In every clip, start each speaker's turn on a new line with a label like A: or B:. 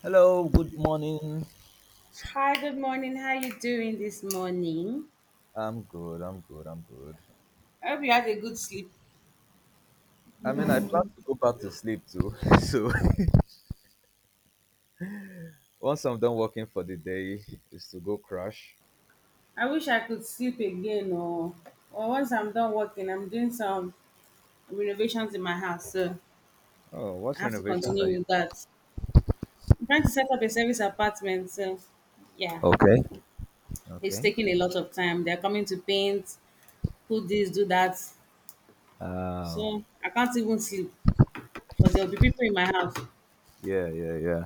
A: Hello, good morning.
B: Hi, good morning. How you doing this morning?
A: I'm good, I'm good, I'm good.
B: I hope you had a good sleep.
A: I mean, I plan to go back to sleep too. So once I'm done working for the day, is to go crash.
B: I wish I could sleep again or once I'm done working, I'm doing some renovations in my house, so
A: Oh,
B: I
A: what
B: have to
A: renovations are
B: continue
A: you
B: with that. I'm trying to set up a service apartment, so yeah,
A: doing? Okay.
B: it's
A: Okay.
B: taking a lot of time. They're coming to paint, put this, do that.
A: Oh,
B: So I can't even sleep because there'll be people in my house.
A: yeah, yeah, yeah.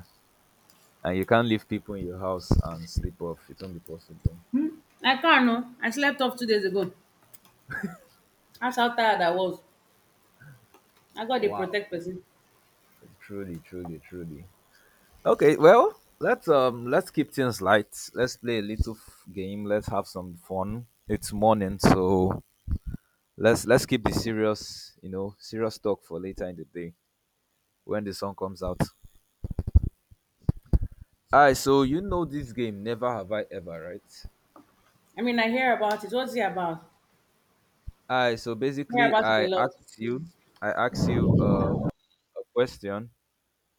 A: And you can't leave people in your house and sleep off. It won't be possible.
B: I can't no. I slept off 2 days ago. That's how tired I was. I got a
A: Wow.
B: protect person.
A: Truly, truly, truly. Okay, well, let's let's keep things light. Let's play a game. Let's have some fun. It's morning, so let's keep the serious, you know, serious talk for later in the day when the song comes out. Alright, so you know this game, Never Have I Ever, right?
B: I mean, I hear about it. What's it about? I
A: Alright, so
B: hear
A: basically
B: about it a
A: I
B: lot.
A: asked you I asked you a question,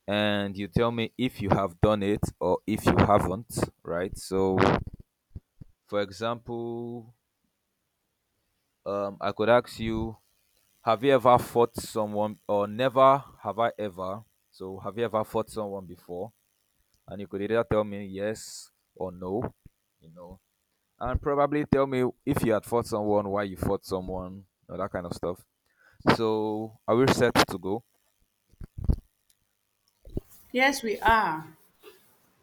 A: and you tell me if you have done it or if you haven't, right? So for example, I could ask you, have you ever fought someone, or never have I ever? So have you ever fought someone before? And you could either tell me yes or no, you know, and probably tell me if you had fought someone, why you fought someone, or that kind of stuff. So are we set to go?
B: Yes, we are.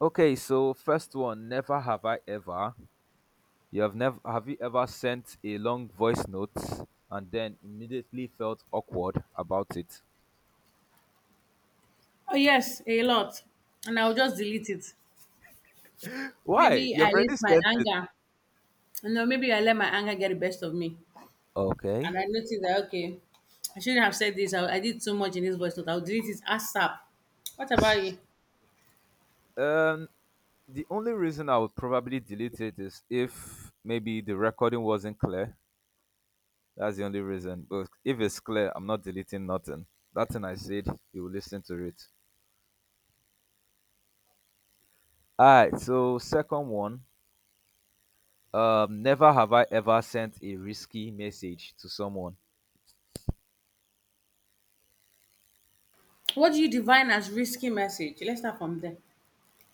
A: Okay, so first one, never have I ever. You have never have you ever sent a long voice note and then immediately felt awkward about it?
B: Oh, yes, a lot. And I'll just delete it.
A: Why?
B: Maybe
A: You've
B: I let
A: already
B: my
A: sent it.
B: anger, no, maybe I let my anger get the best of me.
A: Okay.
B: And I noticed that, okay, I shouldn't have said this. I did too much in this voice note. I'll delete it ASAP. What about you?
A: Um, the only reason I would probably delete it is if maybe the recording wasn't clear. That's the only reason. But if it's clear, I'm not deleting nothing. That thing I said, you will listen to it. Alright, so second one. Never have I ever sent a risky message to someone.
B: What do you define as risky message? Let's start from there.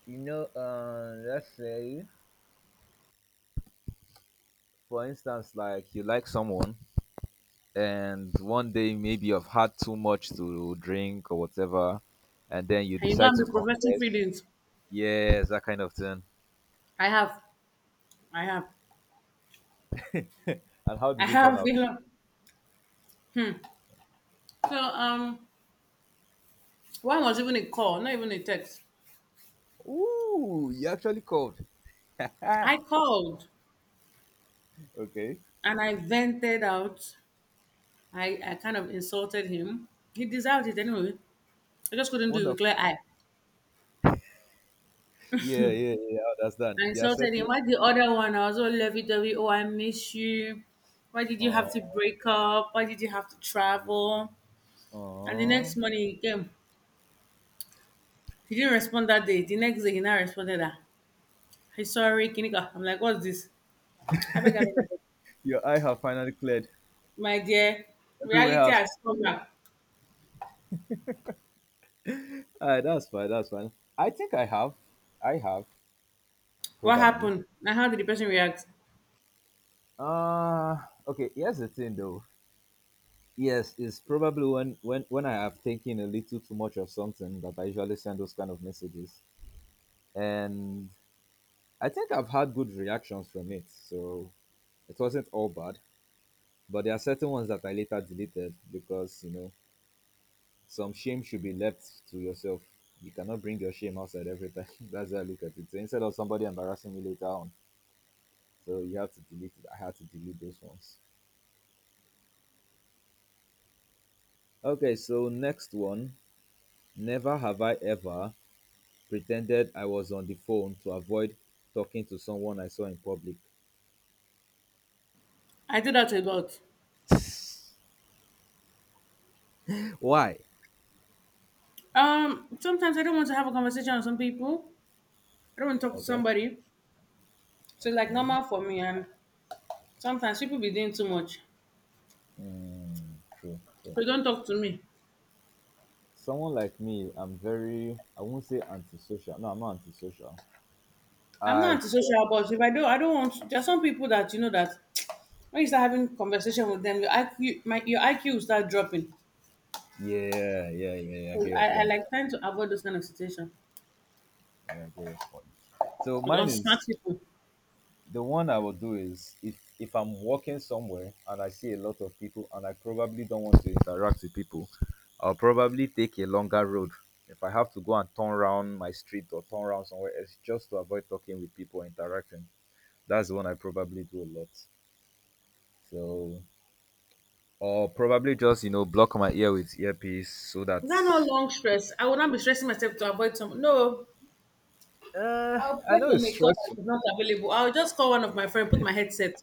A: You know, let's say, for instance, like you like someone and one day maybe you've had too much to drink or whatever, and then you
B: And you're
A: decide
B: gonna
A: to
B: be professing
A: confess.
B: feelings.
A: Yes, that kind of thing.
B: I have, I have,
A: And how
B: I
A: did it turn
B: have. You
A: out?
B: know. So one was even a call, not even a text.
A: Ooh, you actually called.
B: I called,
A: Okay.
B: and I vented out. I kind of insulted him. He deserved it anyway. I just couldn't do it with
A: Wonderful.
B: clear eye.
A: Yeah, yeah, yeah, yeah, I understand.
B: I
A: They are
B: insulted him.
A: settled.
B: Why the other one? I was all lovey dovey. Oh, I miss you. Why did you have to
A: Oh,
B: break up? Why did you have to travel? And the next
A: oh.
B: morning he came. He didn't respond that day. The next day he now responded that. Hey, sorry, Kinika. I'm like, what's this? I beg, I beg, I beg.
A: Your eye have finally cleared.
B: My dear,
A: Everywhere
B: reality
A: else.
B: has come back.
A: Ah, that's fine. That's fine. I think I have. I have
B: What
A: probably.
B: happened? And how did the person react?
A: Uh okay. Here's the thing, though. Yes, it's probably when I have taken a little too much of something that I usually send those kind of messages, and I think I've had good reactions from it. So it wasn't all bad. But there are certain ones that I later deleted because, you know, some shame should be left to yourself. You cannot bring your shame outside every time. That's how I look at it. So instead of somebody embarrassing me later on, so you have to delete it. I had to delete those ones. Okay, so next one. Never have I ever pretended I was on the phone to avoid talking to someone I saw in public.
B: I do that a lot.
A: Why?
B: Sometimes I don't want to have a conversation with some people. I don't want to talk to
A: Okay.
B: somebody. So it's like
A: Okay.
B: normal for me. And sometimes people be doing too much.
A: Mm, true, true.
B: So don't talk to me.
A: Someone like me, I'm very. I won't say antisocial. No, I'm not antisocial.
B: I'm not
A: I.
B: antisocial, but if I do, I don't want to, there are some people that you know that when you start having conversation with them, your IQ, my your IQ will start dropping.
A: Yeah, yeah, yeah, yeah, I
B: So
A: get your
B: I
A: point.
B: like trying to avoid those kind of situation
A: Yeah, I get your point. So
B: with
A: mine
B: unsmart
A: is,
B: people.
A: the one I will do is if I'm walking somewhere and I see a lot of people and I probably don't want to interact with people, I'll probably take a longer road. If I have to go and turn around my street or turn around somewhere, it's just to avoid talking with people or interacting, that's the one I probably do a lot. So, or probably just, you know, block my ear with earpiece so that
B: Is that not long stress? I will not be stressing myself to avoid some. No,
A: uh,
B: I'll
A: I
B: get
A: know
B: on
A: it's
B: a call
A: stressful.
B: that is not available. I'll just call one of my friends, put my headset.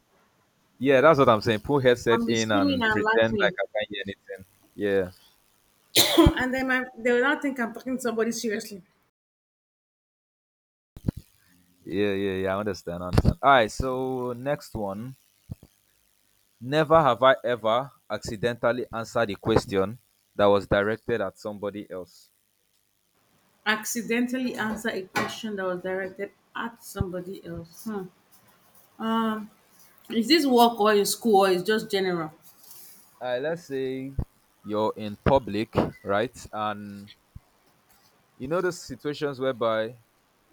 A: Yeah, that's what I'm saying. Put
B: I'm
A: headset
B: be
A: in
B: screaming
A: and
B: and
A: pretend like
B: laughing,
A: I can't hear anything. Yeah,
B: and they will not think I'm talking to somebody seriously.
A: yeah, yeah, yeah. I understand. I understand. All right. So next one. Never have I ever accidentally answered a question that was directed at somebody else.
B: Accidentally answer a question that was directed at somebody else. Hmm. Um, is this work or in school or is just general?
A: All right. Let's say you're in public, right? And you know those situations whereby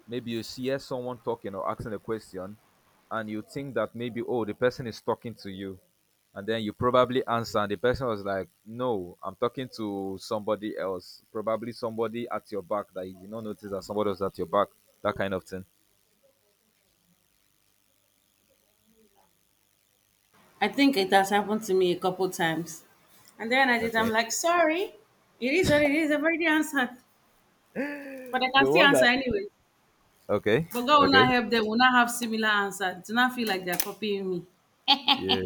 A: maybe you hear someone talking or asking a question, and you think that maybe, oh, the person is talking to you. And then you probably answer, and the person was like, no, I'm talking to somebody else. Probably somebody at your back that you did not notice that somebody was at your back. That kind of thing.
B: I think it has happened to me a couple times, and then I did. I'm
A: Okay.
B: like, sorry, it is what it is. I've already answered, but I can
A: The
B: still
A: one
B: answer
A: that.
B: anyway.
A: Okay.
B: But God will
A: Okay.
B: not help them. Will not have similar answer. Do not feel like they're copying me.
A: Yeah.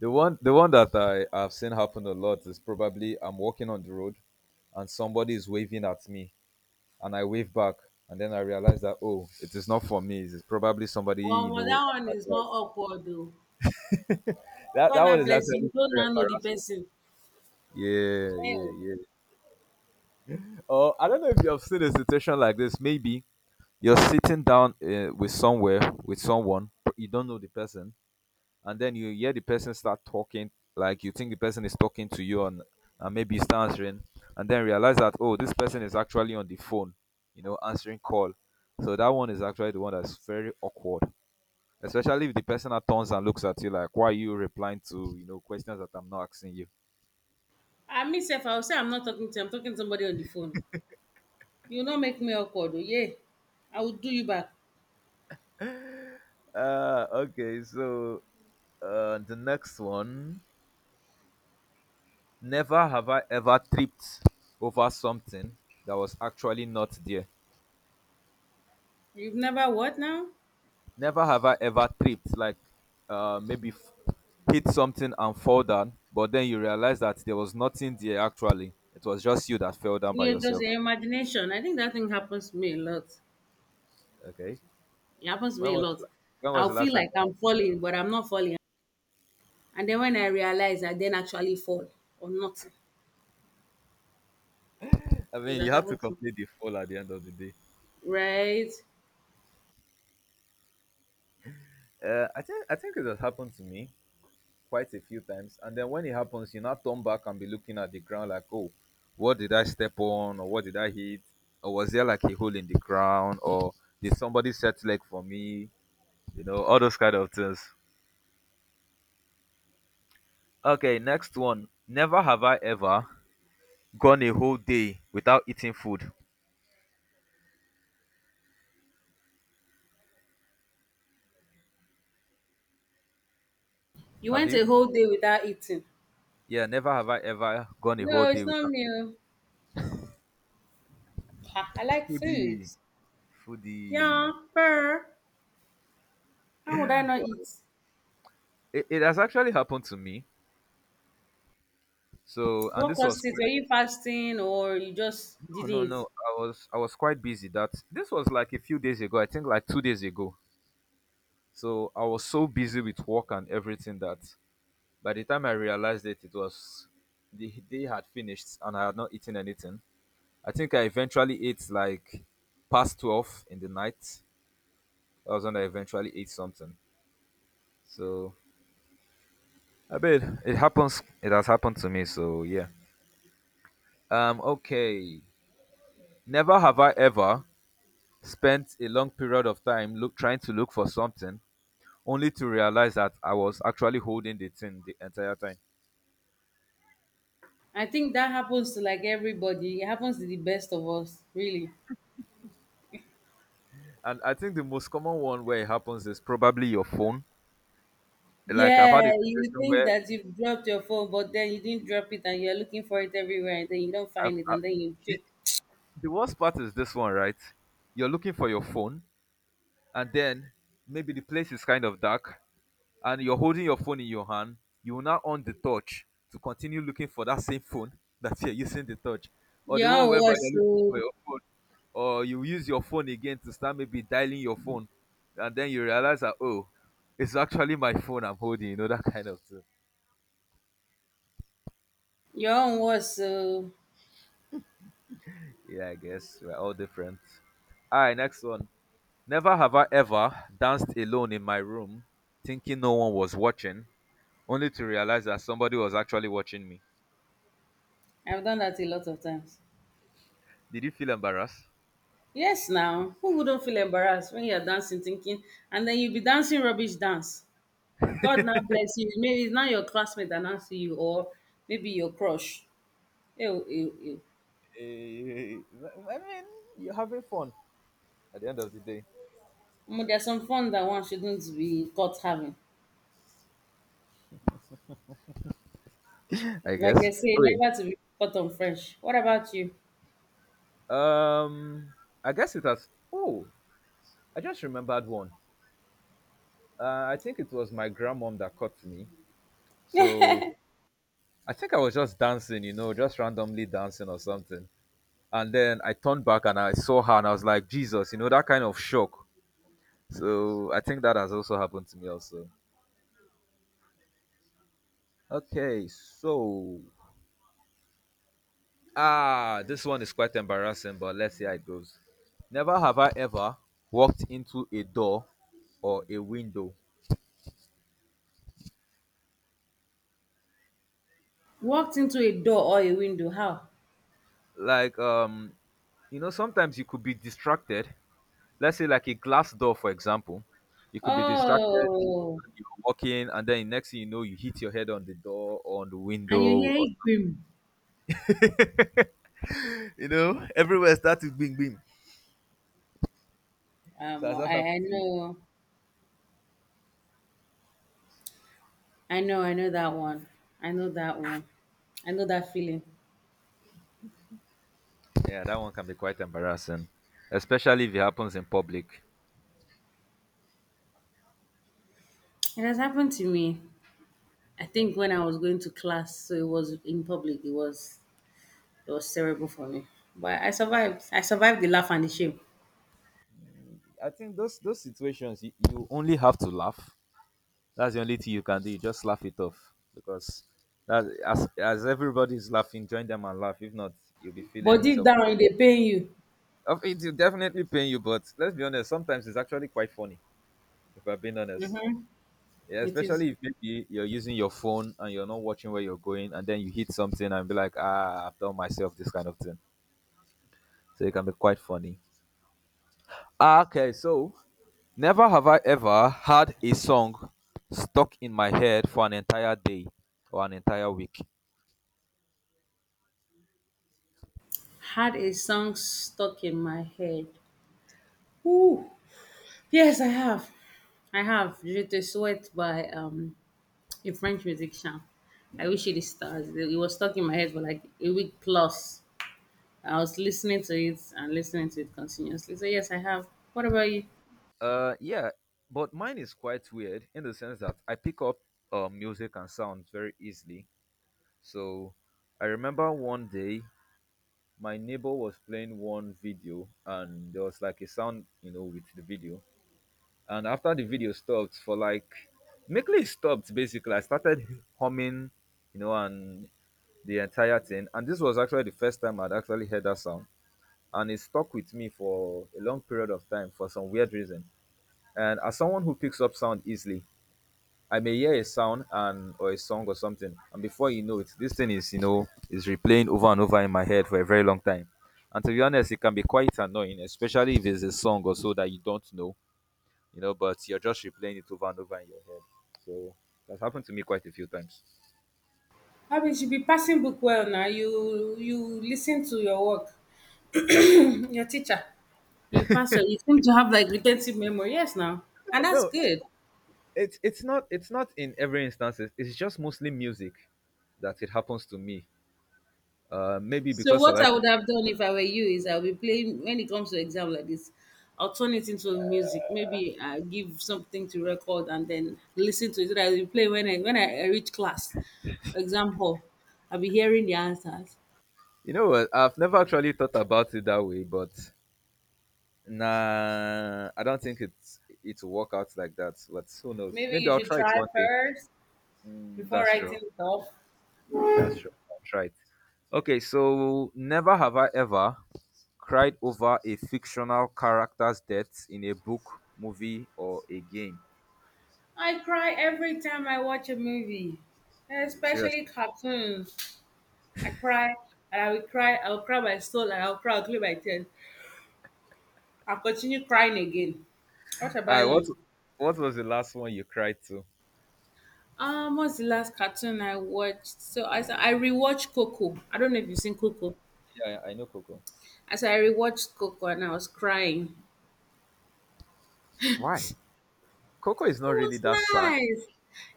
A: The one that I have seen happen a lot is probably I'm walking on the road and somebody is waving at me, and I waved back. And then I realized that, oh, it is not for me. It's probably somebody you
B: Well,
A: know.
B: that one is more awkward though.
A: That
B: God
A: that one
B: now
A: is
B: bless
A: actually
B: you. You don't
A: very
B: now know the
A: embarrassing.
B: person.
A: Yeah, yeah,
B: Eh,
A: yeah. Oh, I don't know if you have seen a situation like this. Maybe you're sitting down with somewhere with someone, but you don't know the person, and then you hear the person start talking. Like you think the person is talking to you, and maybe you start answering, and then realize that, oh, this person is actually on the phone, you know, answering call. So that one is actually the one that's very awkward. Especially if the person now turns and looks at you like, why are you replying to, you know, questions that I'm not asking you?
B: I myself, I will say I'm not talking to you, I'm talking to somebody on the phone. You will not make me awkward, oh yeah. I will do you back.
A: Okay, so the next one. Never have I ever tripped over something that was actually not there.
B: You've never what now?
A: Never have I ever tripped, like, uh, maybe f- hit something and fall down, but then you realize that there was nothing there actually. It was just you that fell down by
B: You're just
A: yourself.
B: your imagination. I think that thing happens to me a lot.
A: Okay.
B: It happens to
A: When
B: me a
A: was
B: lot.
A: when was
B: I'll
A: the last
B: feel
A: time
B: like
A: that
B: I'm falling, but I'm not falling. And then when I realize I then actually fall or nothing.
A: happened? I
B: So
A: mean, you
B: that
A: have to
B: happened to me.
A: complete the fall at the end of the day.
B: Right?
A: I think it has happened to me quite a few times, and then when it happens, you now turn back and be looking at the ground like, oh, what did I step on, or what did I hit, or was there like a hole in the ground, or did somebody set leg for me, you know, all those kind of things. Okay, next one. Never have I ever gone a whole day without eating food.
B: You
A: Have
B: went
A: you?
B: a whole day without eating.
A: Yeah, never have I ever gone a whole
B: No, it's
A: day
B: not
A: without
B: me.
A: eating.
B: Oh. Ha, I like food.
A: Foodie.
B: Yeah,
A: Foodie.
B: but how would I not eat?
A: It has actually happened to me. So, and
B: What
A: this was
B: caused it?
A: quite.
B: Were you fasting or you just
A: No, no,
B: didn't?
A: no. I was quite busy. That this was like a few days ago. I think like 2 days ago. So I was so busy with work and everything that by the time I realized it, it was, the day had finished and I had not eaten anything. I think I eventually ate like past 12 in the night. That was when I eventually ate something. So I bet it happens. It has happened to me. So yeah. Okay. Never have I ever spent a long period of time look trying to look for something only to realize that I was actually holding the thing the entire time.
B: I think that happens to like everybody. It happens to the best of us, really.
A: And I think the most common one where it happens is probably your phone. Like I've
B: Yeah,
A: had a
B: you
A: situation
B: think
A: where
B: that you've dropped your phone, but then you didn't drop it and you're looking for it everywhere and then you don't
A: I've,
B: find it
A: I,
B: and then you
A: the,
B: trick.
A: the worst part is this one, right? You're looking for your phone, and then maybe the place is kind of dark, and you're holding your phone in your hand, you will now on the touch to continue looking for that same phone that you're using the touch. Or
B: Your
A: the one
B: own
A: whereby
B: was
A: you're looking for
B: so.
A: your phone, or you use your phone again to start maybe dialing your phone, and then you realize that, oh, it's actually my phone I'm holding, you know, that kind of thing.
B: Your own was so.
A: Yeah, I guess we're all different. All right, next one. Never have I ever danced alone in my room, thinking no one was watching, only to realize that somebody was actually watching me.
B: I've done that a lot of times.
A: Did you feel embarrassed?
B: Yes, now. Who wouldn't feel embarrassed when you're dancing, thinking, and then you be dancing rubbish dance? God now bless you. Maybe it's not your classmate that now see you, or maybe your crush. Ew, ew, ew.
A: Eh, I mean, you're having fun at the end of the day,
B: Omo, there are some fun that one shouldn't be caught having.
A: I
B: Like they
A: guess.
B: say,
A: Okay.
B: never to be caught on fresh. What about you?
A: Um, I guess it has. Oh, I just remembered one. I think it was my grandmom that caught me. So I think I was just dancing, you know, just randomly dancing or something. And then I turned back and I saw her and I was like, Jesus, you know, that kind of shock. So I think that has also happened to me also. Okay, so, ah, this one is quite embarrassing, but let's see how it goes. Never have I ever walked into a door or a window.
B: Walked into a door or a window. How?
A: Like you know, sometimes you could be distracted. Let's say like a glass door, for example. You could be distracted
B: Oh,
A: and you're walking, and then next thing you know, you hit your head on the door or on the
B: and you
A: window.
B: hear
A: Or...
B: it boom.
A: you know, everywhere starts with bing bing. So
B: Um,
A: as that
B: I, I
A: happens to you,
B: know, I know, I know that one. I know that one. I know that feeling.
A: yeah, that one can be quite embarrassing, especially if it happens in public.
B: It has happened to me. I
A: Okay.
B: think when I was going to class, so it was in public. It was terrible for me, but I survived. I survived the laugh and the shame.
A: I think those situations you, you only have to laugh. That's the only thing you can do. You just laugh it off because that as everybody's laughing, join them and laugh. If not, you'll be
B: But
A: feeling
B: deep
A: self.
B: down, it dey pain you.
A: Of it will definitely pain you, but let's be honest. Sometimes it's actually quite funny. If I'm being honest, yeah,
B: It is.
A: especially if maybe you're using your phone and you're not watching where you're going, and then you hit something and be like, ah, I've done myself this kind of thing. So it can be quite funny. Ah, okay, so never have I ever had a song stuck in my head for an entire day or an entire week.
B: Had a song stuck in my head. Ooh. Yes, I have. I have Je te souhaite by a French musician. I wish you the stars. It was stuck in my head for like a week plus. I was listening to it and listening to it continuously. So yes, I have. What about you?
A: Yeah, but mine is quite weird in the sense that I pick up music and sounds very easily. So I remember one day my neighbor was playing one video and there was like a sound, you know, with the video. And after the video stopped for like, mainly it stopped basically, I started humming, you know, and the entire thing. And this was actually the first time I'd actually heard that sound. And it stuck with me for a long period of time for some weird reason. And as someone who picks up sound easily, I may hear a sound and or a song or something. And before you know it, this thing is, you know, is replaying over and over in my head for a very long time. And to be honest, it can be quite annoying, especially if it's a song or so that you don't know, you know, but you're just replaying it over and over in your head. So that's happened to me quite a few times.
B: I mean, you should be passing book well now. You listen to your work, your teacher. You pass. Well. You seem to have like retentive memory. Yes, now, and that's
A: No,
B: good.
A: it's not in every instance. It's just mostly music that it happens to me. Maybe
B: So
A: because I
B: what I
A: like
B: would
A: music.
B: have done if I were you is I'll be playing when it comes to exam like this, I'll turn it into music. Maybe I give something to record and then listen to it. So that I'll play when I reach class, exam hall. I'll be hearing the answers.
A: You know what? I've never actually thought about it that way, but nah, I don't think it will work out like that. But who knows?
B: Maybe you
A: Maybe I'll
B: should
A: try it
B: try
A: one day.
B: first
A: Mm,
B: before
A: that's true.
B: writing it off.
A: That's true. I'll try it. Okay, so never have I ever cried over a fictional character's death in a book, movie, or a game.
B: I cry every time I watch a movie, especially
A: Seriously.
B: cartoons. I cry and I will cry. I will cry my soul and I will cry, I'll clear my tears. I'll continue crying again.
A: All
B: What
A: right,
B: about
A: what
B: you?
A: what was the last one you cried to?
B: What's the last cartoon I watched? So I rewatched Coco. I don't know if you've seen Coco.
A: Yeah, yeah, I know Coco.
B: I said I rewatched Coco and I was crying.
A: Why? Coco is not
B: It
A: really
B: was
A: that sad.
B: nice.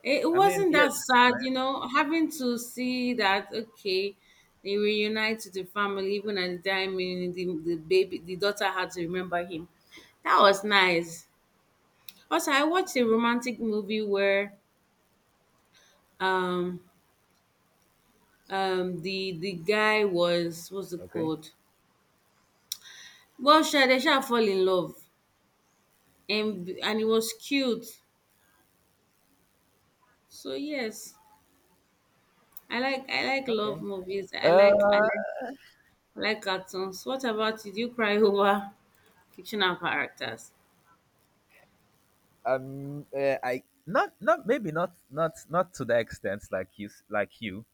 B: It
A: I mean,
B: wasn't
A: yes,
B: that
A: it's
B: sad, you know, having to see that okay, they reunited the family even at the time when the daughter had to remember him. That was nice. Also, I watched a romantic movie where um the guy was what's it
A: nice. Okay.
B: called? Well, sure, they shall fall in love, and it was cute. So yes, I like love
A: Okay.
B: movies.
A: Uh,
B: I like cartoons. What about you? Do you cry over fictional characters?
A: I not maybe not to the extent like like you,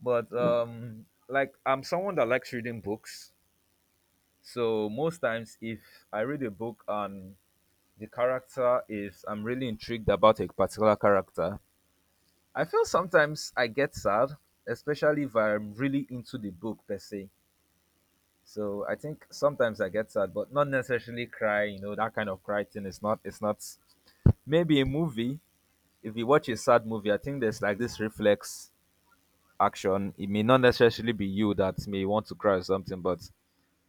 A: but like I'm someone that likes reading books. So most times, if I read a book and the character is, I'm really intrigued about a particular character. I feel sometimes I get sad, especially if I'm really into the book per se. So I think sometimes I get sad, but not necessarily cry. You know that kind of cry thing is not. It's not. Maybe a movie. If you watch a sad movie, I think there's like this reflex action. It may not necessarily be you that may want to cry or something, but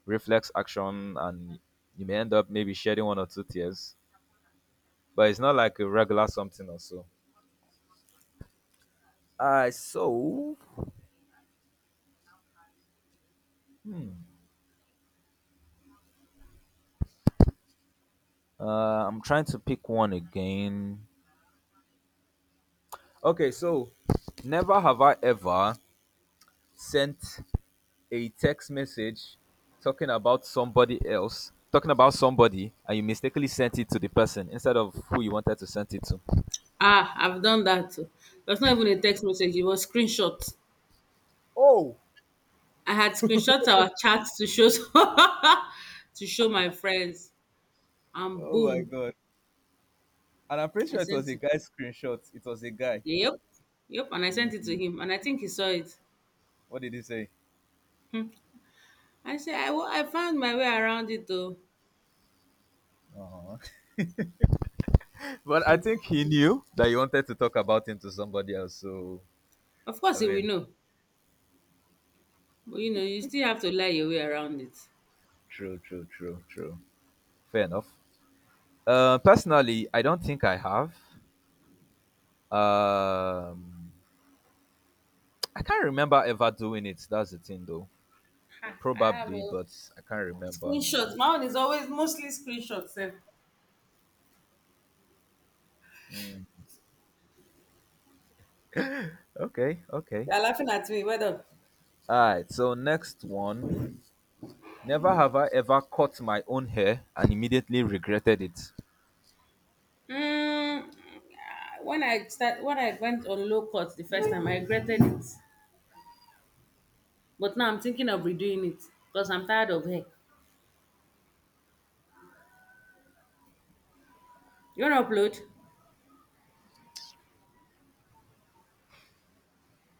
A: reflex action, and you may end up maybe shedding one or two tears. But it's not like a regular something or so. So uh, I'm trying to pick one again. Okay, so never have I ever sent a text message talking about somebody else, talking about somebody, and you mistakenly sent it to the person instead of who you wanted to send it to.
B: Ah, I've done that too. It was not even a text message. It was screenshot.
A: Oh,
B: I had screenshot our chats to show to show my friends, and
A: oh my
B: boom,
A: god! And I'm pretty
B: I
A: sure it was
B: sent
A: a
B: it.
A: guy's screenshot. It was a guy.
B: Yep, yep, and I sent it to him, and I think he saw it.
A: What did he say?
B: Hmm. I said I found my way around it though.
A: uh But I think he knew that you wanted to talk about him to somebody else. So
B: Of course,
A: I
B: he will
A: mean,
B: know. But you know, you still have to lie your way around it.
A: true, true, true, true. Fair enough. Personally, I don't think I have. Um, I can't remember ever doing it. That's the thing, though.
B: Ha, I have
A: Probably,
B: a
A: but I can't remember.
B: screenshot. My own is always mostly screenshots. Sef.
A: Okay, okay.
B: They are laughing at me. Well done.
A: Alright, so next one. Never have I ever cut my own hair and immediately regretted it.
B: Mm, ah, when I went on low cut the first time, I regretted it. But now I'm thinking of redoing it because I'm tired of hair. You want to upload?